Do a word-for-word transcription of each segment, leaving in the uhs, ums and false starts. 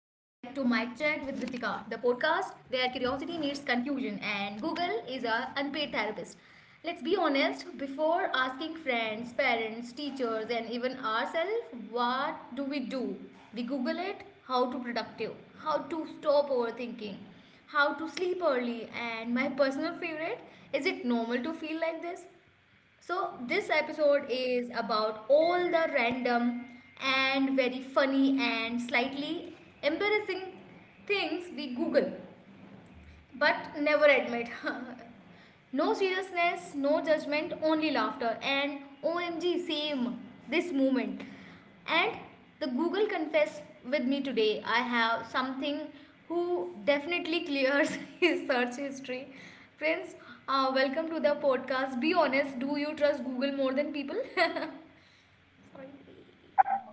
the podcast where curiosity meets confusion and Google is our unpaid therapist. Let's be honest, before asking friends, parents, teachers, and even ourselves, what do we do? We Google it. How to productive, how to stop overthinking, how to sleep early, and my personal favorite, is it normal to feel like this? So this episode is about all the random and very funny and slightly embarrassing things we Google but never admit. No seriousness, no judgment, only laughter. And OMG, same, this moment. And the Google Confess with me today, I have something who definitely clears his search history. Friends, uh, welcome to the podcast. Be honest, do you trust Google more than people?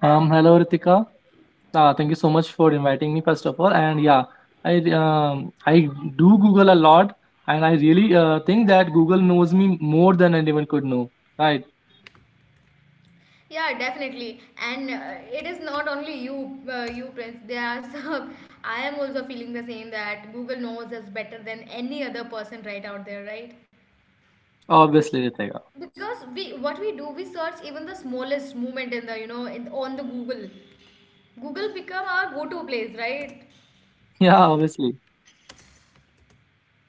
Um, hello Ritika. Uh, thank you so much for inviting me first of all. And yeah, I um, I do Google a lot, and I really uh, think that Google knows me more than anyone could know. Right? Yeah, definitely, and uh, it is not only you uh, you friends. There are some, I am also feeling the same, that Google knows us better than any other person, right, out there, right? Obviously, Ritika. Because we, what we do, we search even the smallest movement in the, you know, in on the Google. Google become our go-to place, right? Yeah, obviously.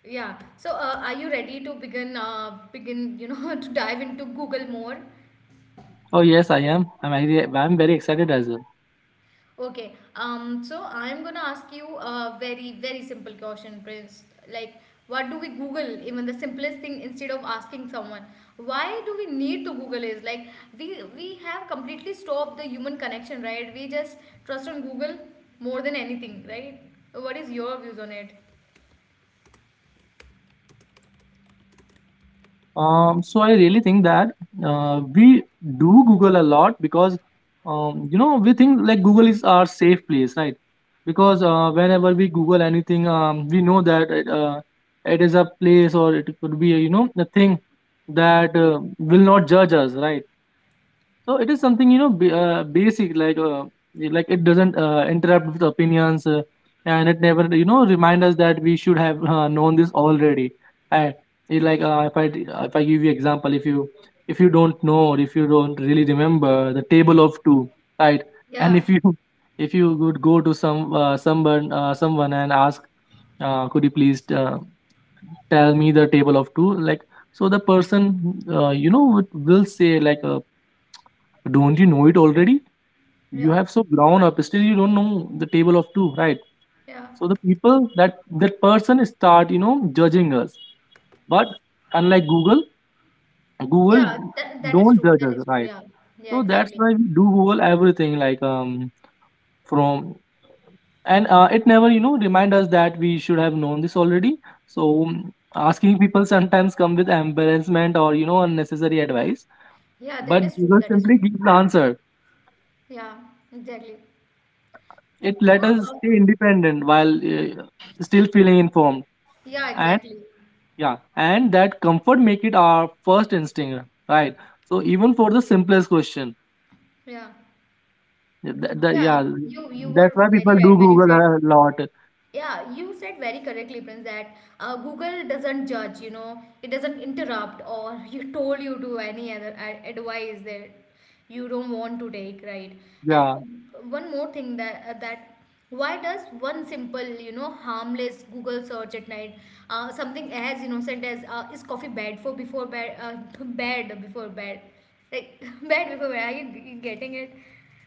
Yeah, so uh, are you ready to begin uh, begin, you know, to dive into Google more? Oh yes, I am. I'm I, I'm very excited as well. Okay, um, so I'm gonna ask you a very, very simple question, Prince. Like, what do we Google, even the simplest thing, instead of asking someone? Why do we need to Google? Is like we we have completely stopped the human connection, right? We just trust on Google more than anything, right? What is your views on it? Um, so I really think that uh, we do Google a lot because um, you know we think like Google is our safe place, right? Because uh, whenever we Google anything, um, we know that it, uh, it is a place or it could be a, you know a thing that uh, will not judge us, right? So it is something you know b- uh, basic like uh, like it doesn't uh, interrupt with opinions uh, and it never you know remind us that we should have uh, known this already. I it like uh, if I if I give you example if you if you don't know or if you don't really remember the table of two, right? And Yeah, if you if you would go to some uh, someone uh, someone and ask uh, could you please uh, tell me the table of two, like so the person uh, you know would- will say like uh, don't you know it already? You yeah, have so grown up. Still, you don't know the table of two, right? yeah, So the people, that that person start, you know, judging us. But unlike Google, Google yeah. That, that is don't true. judge That us, is true. right? Yeah, yeah, So that's exactly. why we do Google everything, like um, from and uh, it never, you know, remind us that we should have known this already. So um, asking people sometimes come with embarrassment or you know unnecessary advice, Yeah, that but is true. Google That is simply true. gives the answer. Yeah, exactly. It So, let us uh, stay independent while uh, still feeling informed. yeah, And exactly. yeah, and that comfort make it our first instinct, right? So even for the simplest question, Yeah. th- th- Yeah, yeah, you you were that's why very people do right when you Google said. a lot. Yeah, you said very correctly, Prince, that uh, Google doesn't judge, you know, it doesn't interrupt or you told you to any other a- advice that you don't want to take, right? And Yeah, uh, one more thing, that uh, that why does one simple, you know, harmless Google search at night, uh, something as innocent as uh, is coffee bad for before bed, uh, bed before bed, like bed before bed? Are you g- getting it?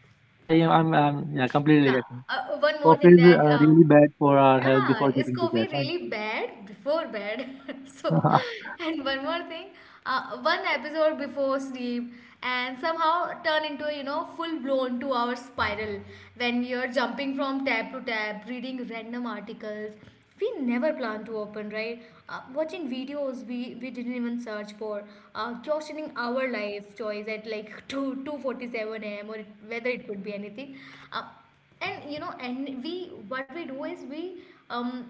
yeah, yeah I'm, I'm yeah completely Yeah. getting. Uh, one more Coffee thing, is that uh, uh, really bad for our health before yeah, is getting to bed, coffee right? really bad before bed? So, and one more thing, uh, one episode before sleep, and somehow turn into a, you know, full-blown two-hour spiral, when you're jumping from tab to tab, reading random articles. We never plan to open, right? Uh, watching videos we, we didn't even search for, uh, questioning our life choice at like two two forty-seven a m or it, whether it could be anything. Uh, and you know, and we, what we do is we, um,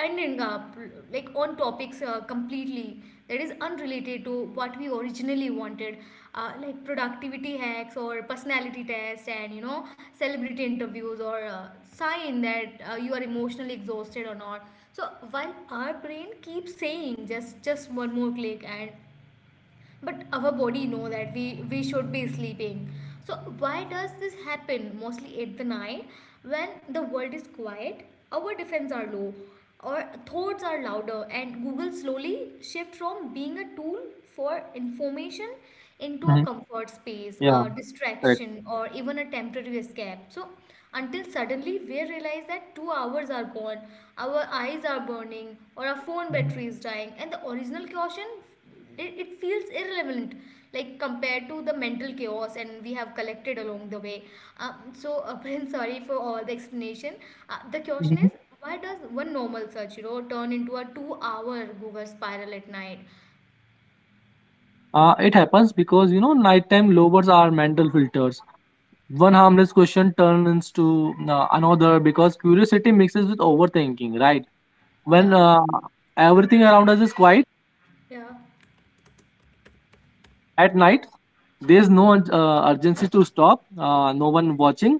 ending up like on topics uh, completely that is unrelated to what we originally wanted, uh, like productivity hacks or personality tests, and you know, celebrity interviews or uh, sign that uh, you are emotionally exhausted or not. So while our brain keeps saying just just one more click, and but our body know that we we should be sleeping. So why does this happen mostly at the night, when the world is quiet, our defense are low, our thoughts are louder, and Google slowly shift from being a tool for information into a Mhm. comfort space, a Yeah, correct. distraction, or even a temporary escape. So until suddenly we realize that two hours are gone, our eyes are burning, or our phone Mhm. battery is dying, and the original caution, it, it feels irrelevant, like compared to the mental chaos and we have collected along the way. um, so uh, Prince, sorry for all the explanation. Uh, the question Mhm. is, why does one normal search, you know, turn into a two hour Google spiral at night? Uh, it happens because you know nighttime lowers our mental filters. One harmless question turns to uh, another because curiosity mixes with overthinking, right? When Yeah, uh, everything around us is quiet yeah, at night, there's no uh, urgency to stop, uh, no one watching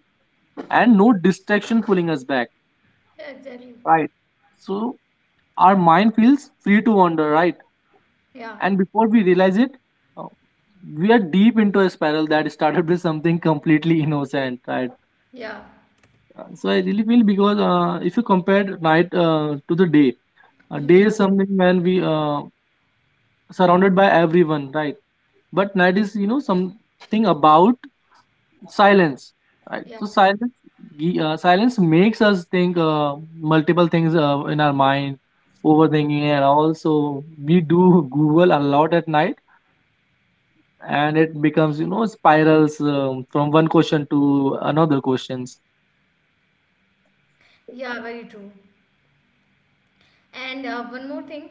and no distraction pulling us back, yeah, exactly. right? So our mind feels free to wander, right? Yeah, And before we realize it, uh, we are deep into a spiral that started with something completely innocent, right? yeah, So I really feel, because uh, if you compare night uh, to the day, a mm, day is yeah, something when we uh, surrounded by everyone, right? But night is you know something about silence, right? So yeah, silence gi- uh, silence makes us think uh, multiple things uh, in our mind, overthinking, and also we do Google a lot at night, and it becomes you know spirals um, from one question to another questions. yeah, very true. And uh, one more thing,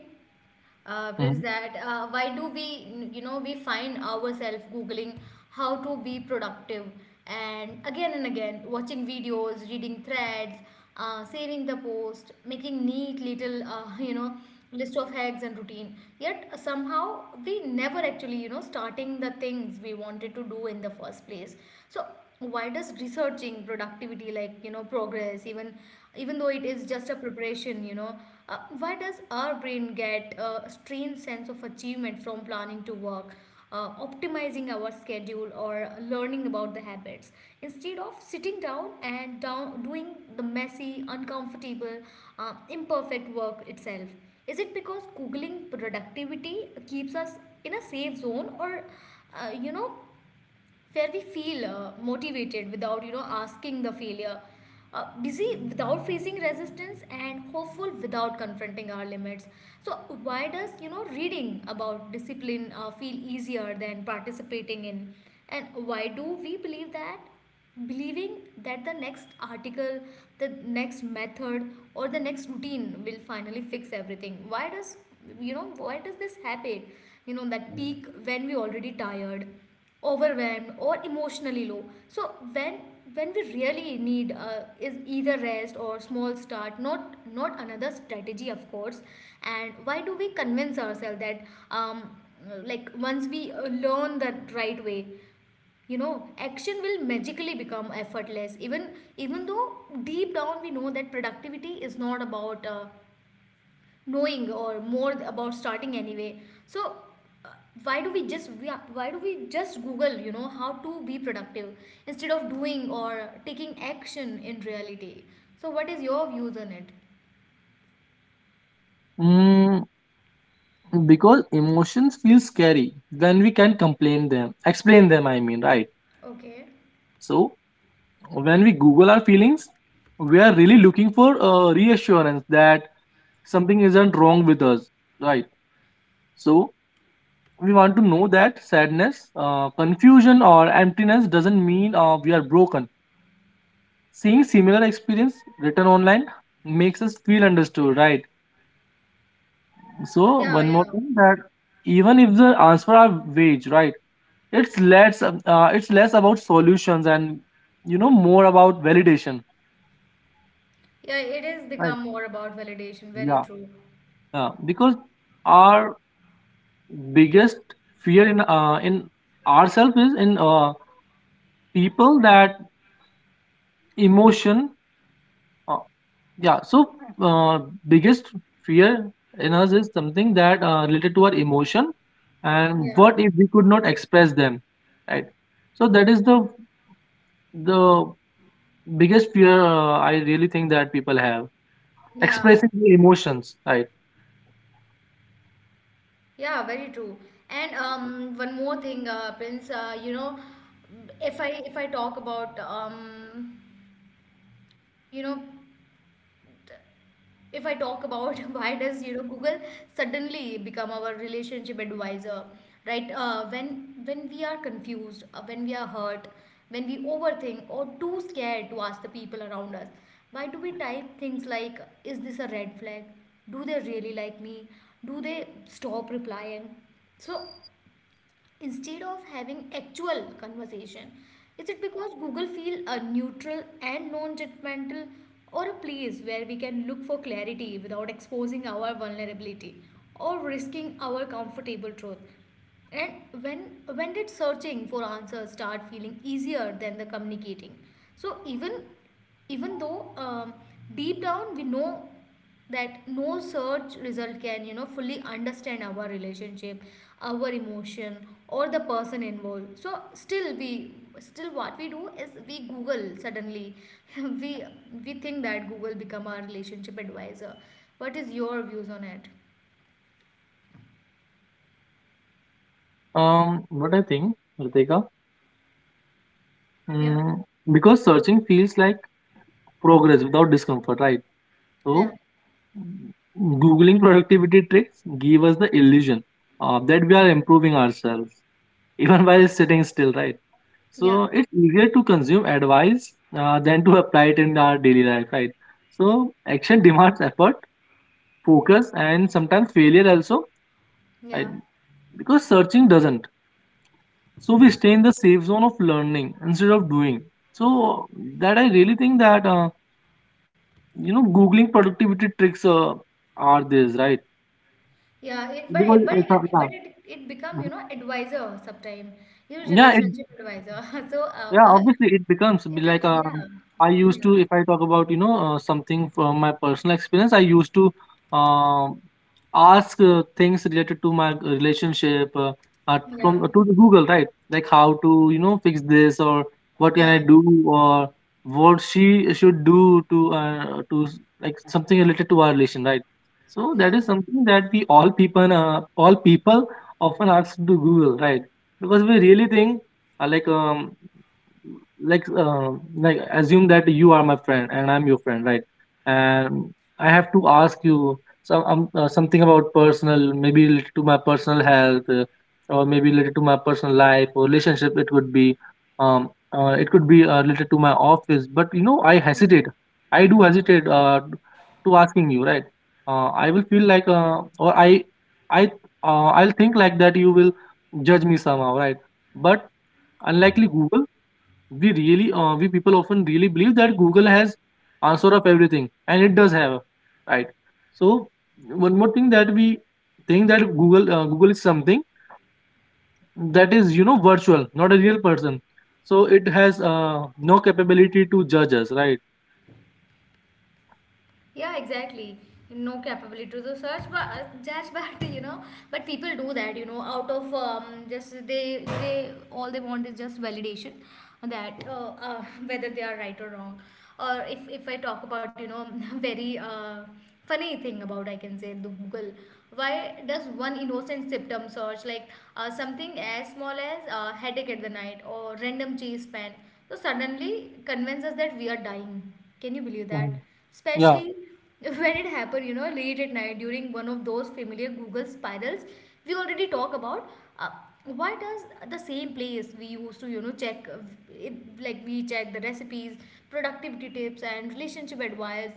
uh, Prince, Mhm. that uh, why do we, you know, we find ourselves googling how to be productive, and again and again watching videos, reading threads, uh, saving the post, making neat little, uh, you know, list of hacks and routine. Yet somehow we never actually, you know, starting the things we wanted to do in the first place. So why does researching productivity like, you know, progress, even even though it is just a preparation, you know. Uh, why does our brain get a strange sense of achievement from planning to work, uh, optimizing our schedule, or learning about the habits, instead of sitting down and down doing the messy, uncomfortable, uh, imperfect work itself? Is it because googling productivity keeps us in a safe zone? Or uh, you know, where we feel uh, motivated without, you know, asking the failure, uh, busy without facing resistance, and hopeful without confronting our limits. So why does, you know, reading about discipline uh, feel easier than participating in? And why do we believe that, believing that the next article, the next method, or the next routine will finally fix everything? Why does, you know, why does this happen? You know, that peak when we already tired, overwhelmed, or emotionally low. So when when we really need uh, is either rest or small start, not not another strategy, of course. And why do we convince ourselves that, um, like once we uh, learn the right way, you know, action will magically become effortless, even even though deep down we know that productivity is not about uh, knowing, or more about starting anyway. So, uh, why do we just we are- why do we just google, you know, how to be productive, instead of doing or taking action in reality? So what is your views on it? Mm, because emotions feel scary then we can complain them, explain them I mean, right? Okay. So when we Google our feelings, we are really looking for uh, reassurance that something isn't wrong with us, right? So we want to know that sadness, uh, confusion or emptiness doesn't mean uh, we are broken. Seeing similar experience written online makes us feel understood, right? So Yeah. one Yeah, more thing that, even if the answer are vague, right? It's less uh, uh, it's less about solutions and you know more about validation, yeah, it is right? become more about validation, very Yeah, true. yeah, because our biggest fear in uh, in ourselves is in uh, people that emotion, uh, yeah, so uh, biggest fear in us is something that uh, related to our emotion, and Yeah, what if we could not express them, right? So that is the the biggest fear, uh, I really think that people have yeah. expressing their emotions, right? Yeah, very true. And um, one more thing, uh, Prince. Uh, you know, if I if I talk about um, you know, if I talk about why does, you know, Google suddenly become our relationship advisor, right? Uh, when when we are confused, uh, when we are hurt, when we overthink or too scared to ask the people around us, why do we type things like, "Is this a red flag? Do they really like me? Do they stop replying?" So, instead of having actual conversation, is it because Google feel a neutral and non-judgmental, or a place where we can look for clarity without exposing our vulnerability or risking our comfortable truth? And when when did searching for answers start feeling easier than the communicating? So even, even though, um, deep down we know that no search result can, you know, fully understand our relationship, our emotion, or the person involved. So still we, still what we do is we Google suddenly, we we think that Google become our relationship advisor. What is your views on it? Um, what I think Ritika, Yeah, mm, because searching feels like progress without discomfort, right? So yeah, Googling productivity tricks give us the illusion uh, that we are improving ourselves, even while sitting still, right? yeah, So it's easier to consume advice uh, than to apply it in our daily life, right? So action demands effort, focus, and sometimes failure also, yeah, right? Because searching doesn't. So we stay in the safe zone of learning instead of doing. So that I really think that uh, you know Googling productivity tricks uh, are this, right? yeah, yeah, it, but it, Because, but it, but it, uh, it become, you know, advisor sometime, you know, yeah, relationship advisor. So, yeah, uh, uh, obviously it becomes be is it? like Yeah, um, I used yeah, to, if I talk about you know uh, something from my personal experience, I used to um, ask uh, things related to my uh, relationship, uh, uh, yeah. from uh, to the Google, right? Like how to you know fix this or what can Yeah, I do or what she should do to uh, to s- like something related to our relation, right? So yeah. that is something that we all people, uh, all people often ask to Google, right? Because we really think, uh, like um, like um like assume that you are my friend and I'm your friend, right? And I have to ask you some um, uh, something about personal, maybe related to my personal health, uh, or maybe related to my personal life or relationship. It could be, um, uh, it could be uh, related to my office. But you know, I hesitate. I do hesitate uh, to asking you, right? Uh, I will feel like, uh, or I, I, uh, I'll think like that you will judge me somehow, right? But unlikely Google, we really uh, we people often really believe that Google has answer of everything, and it does have, right? So one more thing that we think that google uh, Google is something that is you know virtual, not a real person, so it has uh, no capability to judge us, right? Yeah, exactly. No capability to the search, but uh, judge, but you know, but people do that, you know, out of, um, just they they all they want is just validation, that uh, uh, whether they are right or wrong. Or if if I talk about, you know, very uh, funny thing about, I can say, the Google, why does one innocent symptom search like uh, something as small as uh, headache at the night or random cheese pan, so suddenly convince us that we are dying? Can you believe that? Mhm. Yeah. Especially when it happened, you know, late at night, during one of those familiar Google spirals we already talk about. Uh, why does the same place we used to, you know, check, uh, it, like we check the recipes, productivity tips, and relationship advice,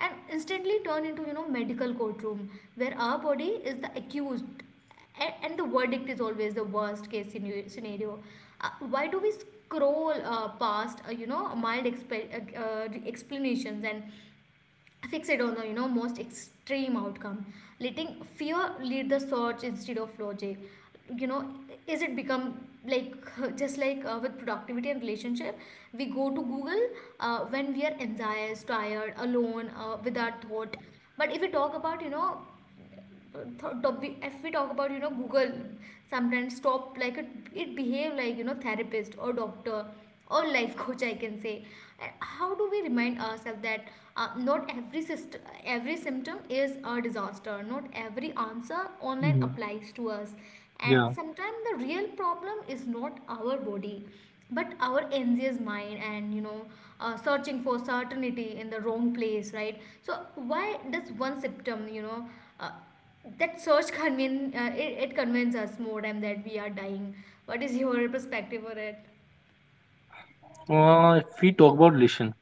and instantly turn into, you know, medical courtroom, where our body is the accused, and, and the verdict is always the worst case scenario scenario. Uh, why do we scroll uh, past uh, you know mild expe- uh, uh, explanations and fixed on the you know most extreme outcome, letting fear lead the search instead of logic, you know? Is it become, like, just like uh, with productivity and relationship, we go to Google uh, when we are anxious, tired, alone, uh, without thought. But if we talk about you know if we talk about, you know Google sometimes stop, like it, it behave like, you know, therapist or doctor or life coach, I can say. And how do we remind ourselves that, uh, not every syst- every symptom is a disaster, not every answer online Yeah. applies to us, and Yeah. sometimes the real problem is not our body but our anxious mind and, you know uh, searching for certainty in the wrong place, right? So why does one symptom, you know uh, that search convene uh, it, it convinces us more time that we are dying? What is your perspective on it? Uh, if we talk about relation,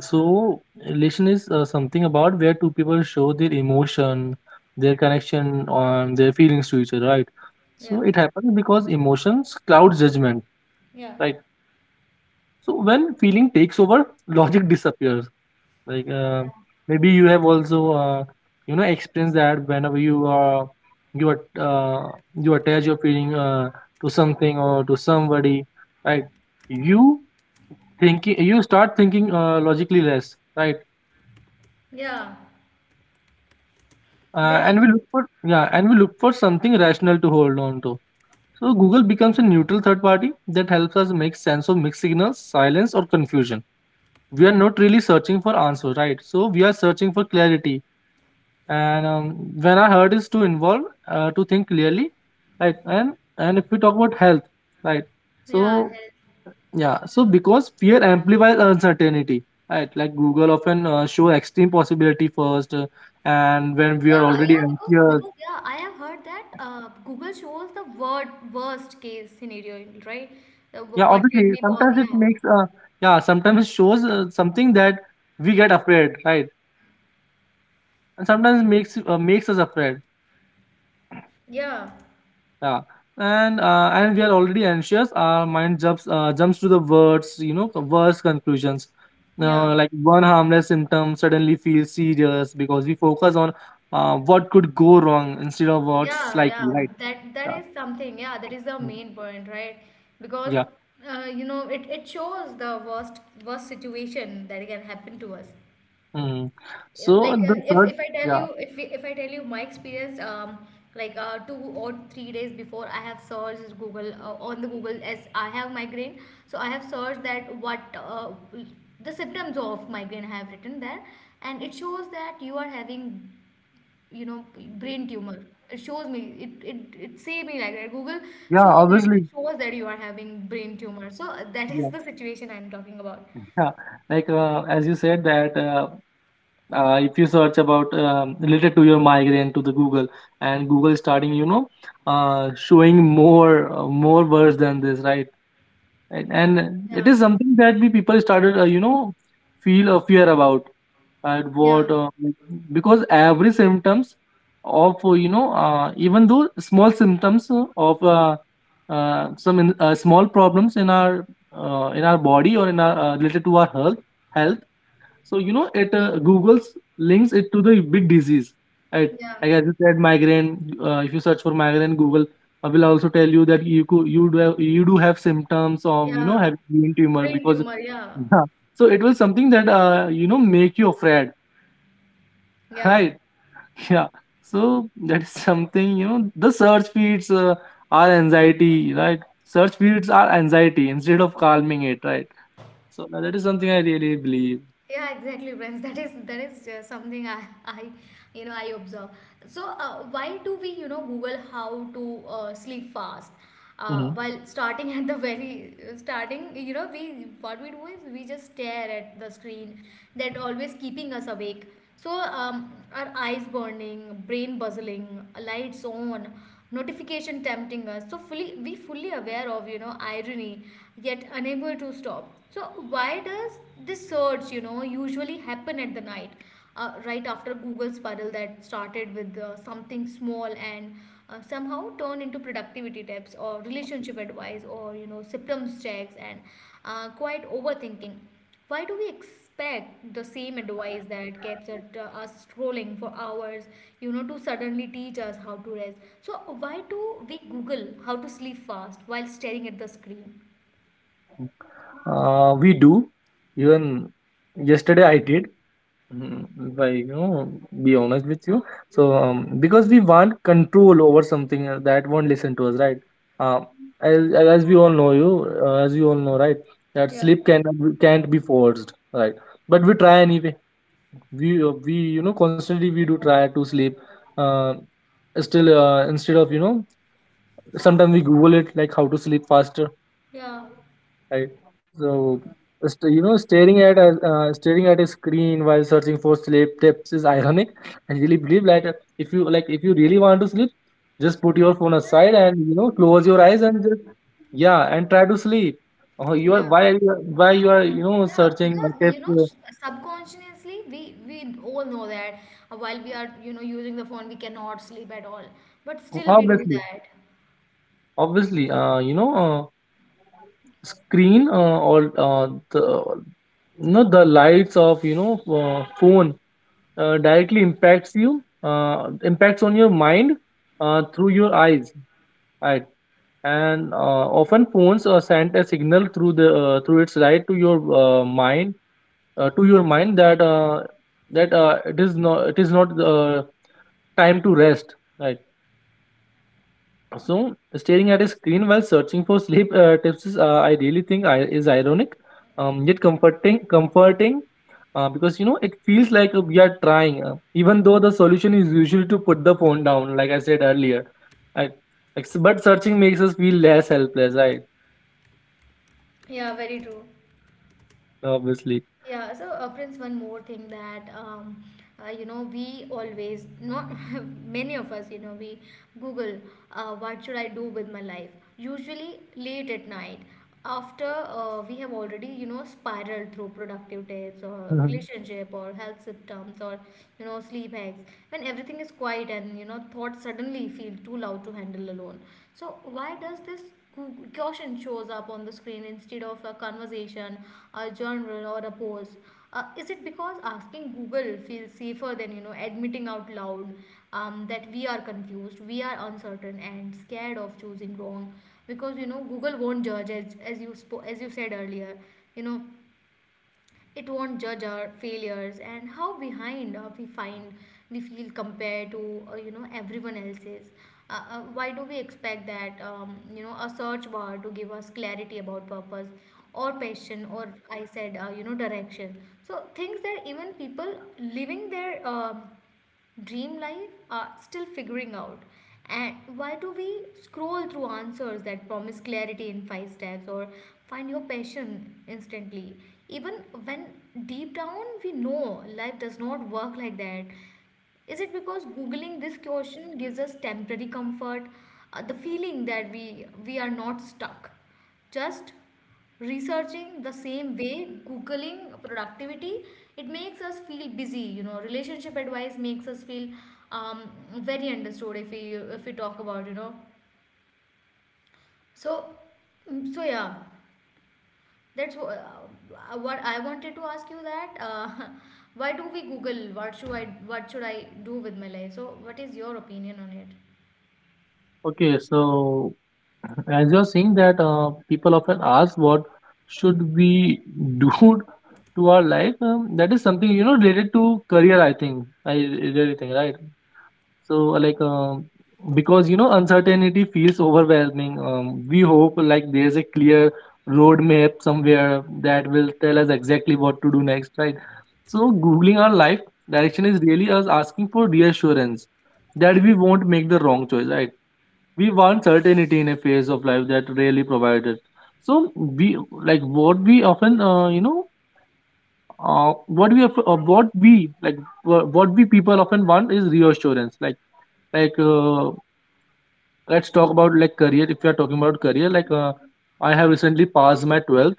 so relation is uh, something about where two people show their emotion, their connection, on their feelings to each other, right? Yeah, So it happens because emotions cloud judgment, yeah. right? So when feeling takes over, logic disappears. Like, uh, Yeah. maybe you have also, uh, you know, experienced that whenever you uh, you are uh, you attach your feeling uh, to something or to somebody, right? You thinking, you start thinking uh, logically less, right? Uh, yeah. and we look for yeah, and we look for something rational to hold on to. So Google becomes a neutral third party that helps us make sense of mixed signals, silence, or confusion. We are not really searching for answer, right? So we are searching for clarity. And um, when our heart is too involved uh, to think clearly, right? And and if we talk about health, right? Yeah, health. So yeah, so because fear amplifies uncertainty, right? Like Google often uh, show extreme possibility first, uh, and when we are Yeah, already yeah, because anxious. because yeah, I have heard that uh, Google shows the word worst case scenario, right? Uh, wh- Yeah, what can obviously. be po- Sometimes it Yeah. makes uh yeah, sometimes it shows uh, something that we get afraid, right? And sometimes it makes uh, makes us afraid. yeah Yeah. And uh, and we are already anxious. Our mind jumps uh, jumps to the words, you know, worse conclusions. yeah Now, like one harmless symptom suddenly feels serious because we focus on uh, what could go wrong instead of what's yeah yeah, likely, right? that that Yeah. is something. Yeah, that is the Mm, main point, right? Because yeah. uh, you know, it, it shows the worst worst situation that can happen to us. Mm. Yeah, So like the uh, if third, if I tell yeah, you, if we- if I tell you my experience, um, like uh, two or three days before I have searched Google uh, on the Google, as I have migraine. So I have searched that, what uh, the symptoms of migraine, I have written there. And it shows that you are having, you know, brain tumor. It shows me. It it, it say me like that. Google yeah, shows, literally obviously. shows that you are having brain tumor. So uh, that is Yeah. the situation I'm talking about. Yeah, like uh, as you said that, uh, uh, if you search about um, related to your migraine to the Google, and Google is starting, you know, uh, showing more uh, more words than this, right? Right. And it Yeah. is something that we people started, uh, you know, feel a fear about at Yeah. what, uh, because every symptoms of uh, you know, uh, even though small symptoms uh, of uh, uh, some in, uh, small problems in our uh, in our body or in our uh, related to our health health, so you know, it uh, Google's links it to the big disease. Right? Yeah. Like as you said, migraine. Uh, if you search for migraine, Google uh, will also tell you that you could, you do have, you do have symptoms of you know Yeah, having brain tumor, brain because tumor. Yeah. yeah. So it was something that uh, you know make you afraid, Yeah, right? Yeah. So that is something you know. The search feeds uh, are anxiety, right? Search feeds are anxiety instead of calming it, right? So that is something I really believe. yeah, exactly, friends. That is that is uh, something I, I, you know, I observe. So, uh, why do we, you know, Google how to uh, sleep fast? Uh, while starting at the very uh, starting, you know, we, what we do is we just stare at the screen that always keeping us awake. So, um, our eyes burning, brain buzzing, lights on, notification tempting us. So fully, we fully aware of, you know, irony, yet unable to stop. So why does this surge, you know, usually happen at the night, uh, right after Google spiral that started with uh, something small and uh, somehow turned into productivity tips or relationship advice or, you know, symptoms checks and uh, quite overthinking. Why do we expect the same advice that keeps at, uh, us scrolling for hours, you know, to suddenly teach us how to rest? So, why do we Google how to sleep fast while staring at the screen? Uh, we do. Even yesterday I did. Mm, if I, you know, be honest with you. So, um, because we want control over something uh, that won't listen to us, right? Uh, as, as we all know, you, uh, as you all know, right, that Yeah. sleep can can't be forced, right? But we try anyway. We uh, we you know constantly we do try to sleep. Uh, still, uh, instead of you know, sometimes we Google it like how to sleep faster, Yeah. right? So st- you know staring at a- uh, staring at a screen while searching for sleep tips is ironic. I really believe like uh, if you like, if you really want to sleep, just put your phone aside and you know Yeah, close your eyes exactly. and just, yeah, and try to sleep. Oh, you are, Yeah. why are you, are- why you are, you know Yeah, searching uh, because you tips know, uh, sh- subconsciously, we we all know that uh, while we are, you know, using the phone, we cannot sleep at all. But still, we do Obviously. that. Obviously uh, you know uh, screen uh, or uh, the, you know the lights of, you know uh, phone uh, directly impacts you, uh, impacts on your mind uh, through your eyes, right? And uh, often phones uh, send a signal through the, uh, through its light to your uh, mind, uh, to your mind, that uh, that uh, it is not, it is not uh, time to rest, right? So, staring at a screen while searching for sleep uh, tips is, uh, I really think, I, is ironic, um, yet comforting. Comforting, uh, because you know it feels like we are trying, uh, even though the solution is usually to put the phone down, like I said earlier. I, ex- but searching makes us feel less helpless, right? Yeah, very true. Obviously. Yeah, so uh, Prince, one more thing, that um, uh, you know, we always not many of us, you know, we Google uh, what should I do with my life. Usually late at night, after uh, we have already, you know, spiraled through productive days or Mhm. relationship or health symptoms or, you know, sleep hacks, when everything is quiet and, you know, thoughts suddenly feel too loud to handle alone. So why does this question shows up on the screen instead of a conversation, a journal, or a pose? Uh, is it because asking Google feels safer than, you know, admitting out loud, um, that we are confused, we are uncertain, and scared of choosing wrong? Because, you know, Google won't judge as, as you spo- as you said earlier. You know, it won't judge our failures and how behind uh, we find we feel compared to, uh, you know, everyone else's. Uh, uh, why do we expect that, um, you know, a search bar to give us clarity about purpose or passion, or I said, uh, you know, direction? So, things that even people living their uh, dream life are still figuring out. And why do we scroll through answers that promise clarity in five steps or find your passion instantly? Even when, deep down, we know life does not work like that. Is it because Googling this question gives us temporary comfort, uh, the feeling that we, we are not stuck? Just researching the same way, googling productivity, it makes us feel busy, you know, relationship advice makes us feel, um, very understood. If we if we talk about you know so Mm, so yeah, that's wh- uh, what I wanted to ask you, that uh, why do we Google, what should i what should I do with my life? So what is your opinion on it? Okay, so, as you're saying that uh, people often ask what should we do to our life, um, that is something, you know related to career, I think. I re- really think, right? So, like um, because you know uncertainty feels overwhelming. Um, we hope like there's a clear roadmap somewhere that will tell us exactly what to do next, right? So googling our life direction is really us asking for reassurance that we won't make the wrong choice, right? We want certainty in a phase of life that rarely provided. So we, like, what we often, uh, you know uh, what we of- uh, what we like, wha- what we, people often want is reassurance, like, like uh, let's talk about like career. If you are talking about career, like uh, I have recently passed my twelfth,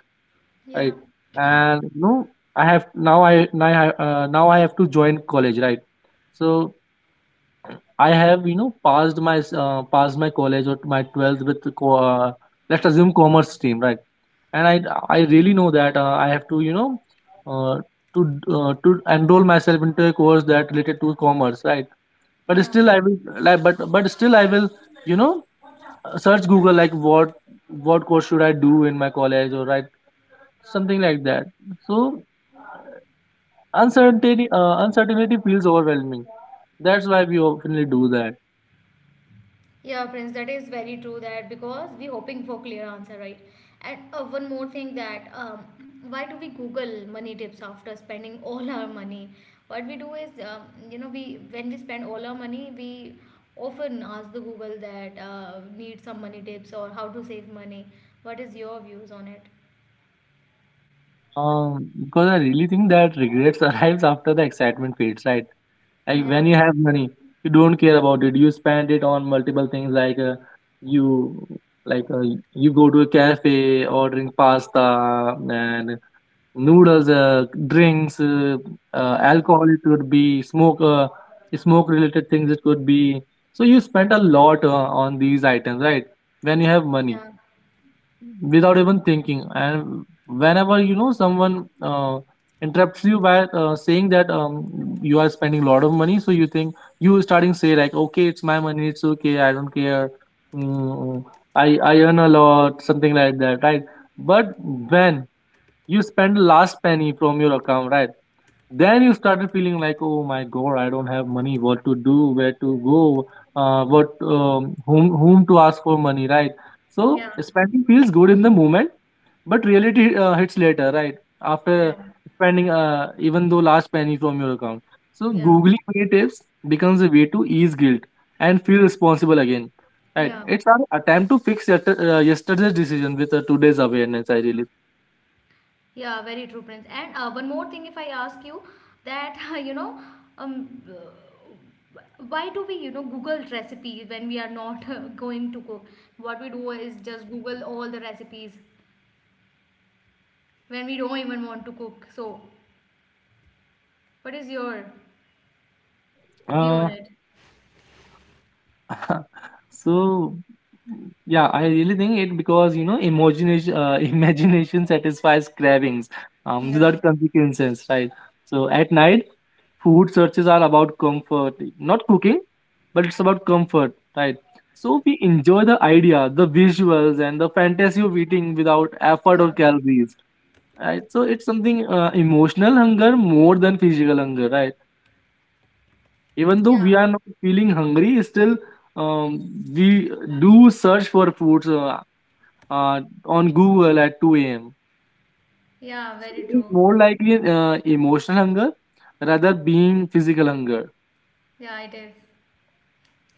Yeah. right? And you know I have now I now I, uh, now I have to join college, right? So I have, you know, passed my s- uh, passed my college or my twelfth with the co- uh, let's assume commerce stream, right? And I I really know that uh, I have to, you know, uh, to d- uh, to enroll myself into a course that related to commerce, right? But yeah. still, I will like, but but still, I will, you know, uh, search Google like what what course should I do in my college, or right, something like that. So uncertainty uh, uncertainty feels overwhelming. That's why we often do that. Yeah, Prince, that is very true. That because we hoping for clear answer, right? And uh, one more thing, that um, why do we Google money tips after spending all our money? What we do is, um, you know, we, when we spend all our money, we often ask the Google that, uh, need some money tips or how to save money. What is your views on it? Um, because I really think that regrets arrives after the excitement fades, right? Like Yeah, when you have money, you don't care about it. You spend it on multiple things, like uh, you like uh, you go to a cafe, ordering pasta and noodles, uh, drinks, uh, uh, yeah, alcohol. It could be smoke, uh, smoke related things. It could be So you spend a lot uh, on these items, right? When you have money yeah, without even thinking, and whenever you know someone uh, interrupts you by uh, saying that, um, you are spending a lot of money, so you think, you starting say like, okay, it's my money, it's okay, I don't care. mm, i i earn a lot, something like that, right? But when you spend last penny from your account, right, then you started feeling like, oh my god, I don't have money. What to do? Where to go? Uh, what, um, whom whom to ask for money, right? So yeah, spending feels good in the moment, but reality uh, hits later, right? After yeah, spending, uh, even though last penny from your account. So yeah, googling money tips becomes a way to ease guilt and feel responsible again. Right. yeah. It's an attempt to fix yester- uh, yesterday's decision with uh, today's awareness. I Yeah, very true, Prince. And uh, one more thing, if I ask you, that you know, um, why do we, you know, Google recipes when we are not uh, going to cook? What we do is just Google all the recipes when we don't even want to cook. So, what is your view on really. it? So, mm, yeah, I really think it, because you know imagination, uh, imagination satisfies cravings um, without Yeah, consequences, right? So at night, food searches are about comfort, not cooking. But it's about comfort, right? So we enjoy the idea, the visuals, and the fantasy of eating without effort or yeah, calories, right? So it's something, uh, emotional hunger more than physical hunger, right? Even though yeah, we are not feeling hungry, still, um, we do search for foods, uh, uh, on Google at two a m. yeah. So Very it is true. more likely uh, emotional hunger rather being physical hunger. Yeah, it is.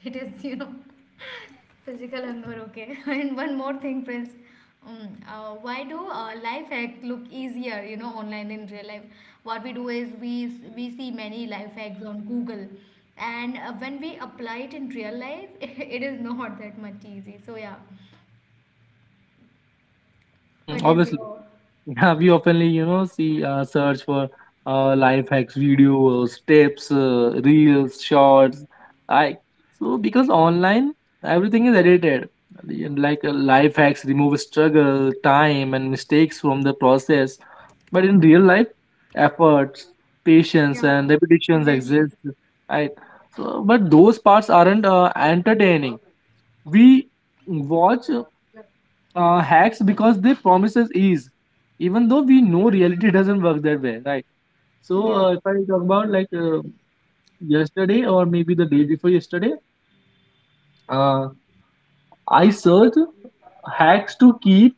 It is, you know, physical hunger, okay. And one more thing, Prince. Um, uh, why do uh, life hacks look easier, you know, online than real life? What we do is we s- we see many life hacks on Google, and uh, when we apply it in real life, it is not that much easy. So yeah, Hmm, what is obviously. your— Yeah, we oftenly, you know, see, uh, search for uh, life hacks, videos, tips, uh, reels, shorts. I So because online everything is edited, and like uh, life hacks remove struggle, time, and mistakes from the process. But in real life, efforts, patience, Yeah, and repetitions exactly. exist. Right? So, but those parts aren't uh, entertaining. We watch uh, hacks because they promises ease, even though we know reality doesn't work that way, right? So Yeah. uh, if I talk about like uh, yesterday or maybe the day before yesterday, uh, I searched hacks to keep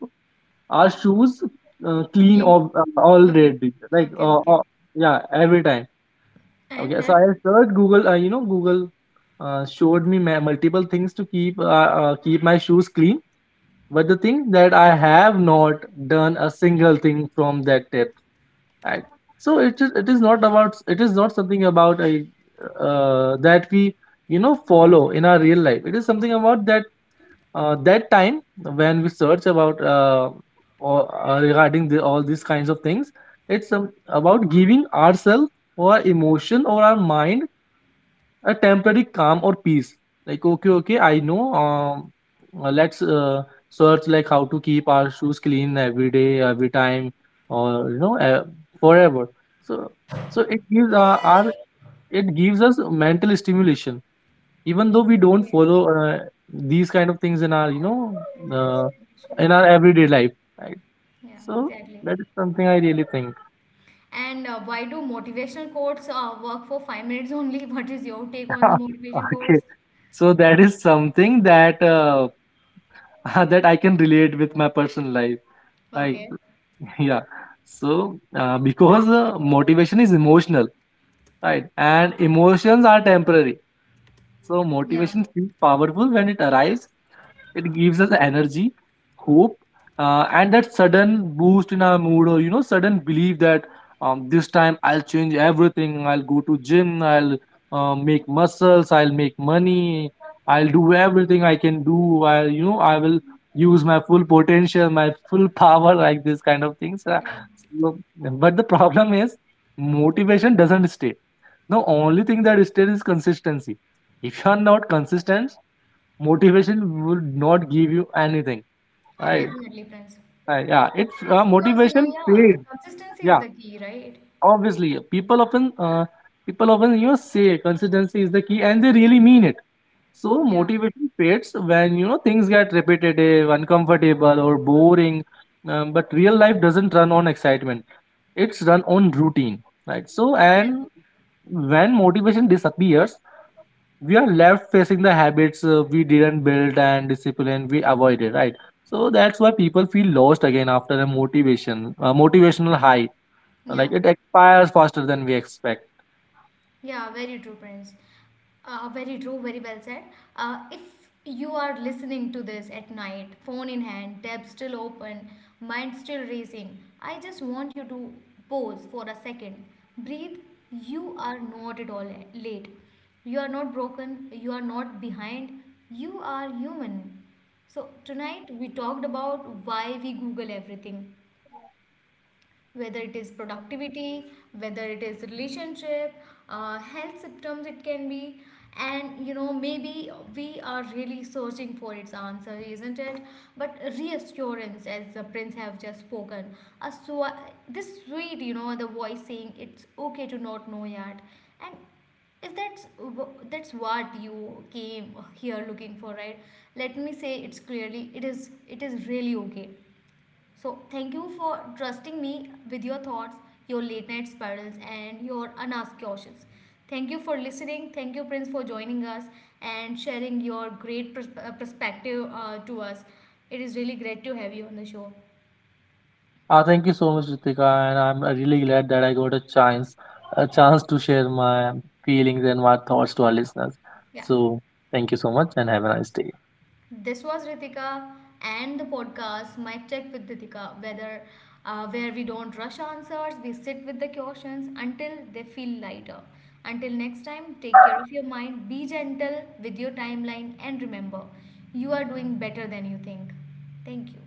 our shoes uh, clean Clean, of, uh, all okay. red, like Okay, uh, okay. uh, yeah, every time. And Okay, so I then, searched Google. Uh, you know, Google uh, showed me ma- multiple things to keep, uh, uh, keep my shoes clean. But the thing that I have not done a single thing from that tip. Right. So it is, it is not about it is not something about a, uh, that we, you know follow in our real life. It is something about that, uh, that time when we search about, uh, or, uh, regarding the, all these kinds of things. It's, um, about giving ourselves or our emotion or our mind a temporary calm or peace, like, okay, okay, I know, um uh, let's, uh, search like how to keep our shoes clean every day, every time, or, you know uh, forever. So, so it gives, uh, our, it gives us mental stimulation, even though we don't okay. follow, uh, these kind of things in our, you know Mental uh, stimulation. in our everyday life, right? Yeah, So exactly. that is something I really think. And uh, why do motivational quotes uh, work for five minutes only? What is your take on the motivation Okay, quotes? so that is something that, uh, that I can relate with my personal life. I Okay. yeah. So uh, because uh, motivation is emotional, right? And emotions are temporary. So Yeah. motivation feels powerful when it arrives, it gives us energy, hope, uh, and that sudden boost in our mood, or, you know, sudden belief that, um, this time I'll change everything. I'll go to gym. I'll, uh, make muscles. I'll make money. I'll do everything I can do. I'll, you know I will use my full potential, my full power, like this kind of things. Uh, Yeah. so- but the problem is motivation doesn't stay. The only thing that stays is consistency. If you are not consistent, motivation will not give you anything, right? Definitely, friends. Right, yeah, it's, uh, Because, you know, motivation yeah, fades. consistency is Yeah, the key, right? obviously, people often, uh, people often, you know say consistency is the key, and they really mean it. So Yeah. motivation fades when you know things get repetitive, uncomfortable, or boring. Um, but real life doesn't run on excitement; it's run on routine, right? So and Exactly. when motivation disappears, we are left facing the habits, uh, we didn't build and discipline we avoided, right? So that's why people feel lost again after a motivation a motivational high, like Yeah. it expires faster than we expect. Yeah, very true, Prince. Uh, very true, very well said. Uh, if you are listening to this at night, phone in hand, tab still open, mind still racing, I just want you to pause for a second. Breathe. You are not at all la- late. You are not broken. You are not behind. You are human. So, tonight we talked about why we Google everything, whether it is productivity, whether it is relationship, uh, health symptoms it can be. And, you know, maybe we are really searching for its answer, isn't it? But reassurance, as the Prince have just spoken, a sw- this sweet, you know, the voice saying it's okay to not know yet. And if that's wh- that's what you came here looking for, right, let me say it's clearly, it is it is really okay. So, thank you for trusting me with your thoughts, your late night spirals, and your unasked questions. Thank you for listening. Thank you, Prince, for joining us and sharing your great pers- uh, perspective uh, to us. It is really great to have you on the show. Uh, thank you so much, Ritika, and I'm, uh, really glad that I got a chance, a chance to share my feelings and my thoughts to our listeners. Yeah. So thank you so much, and have a nice day. This was Ritika and the podcast Mic Check with Ritika, whether uh, where we don't rush answers, we sit with the questions until they feel lighter. Until next time, take care of your mind, be gentle with your timeline, and remember, you are doing better than you think. Thank you.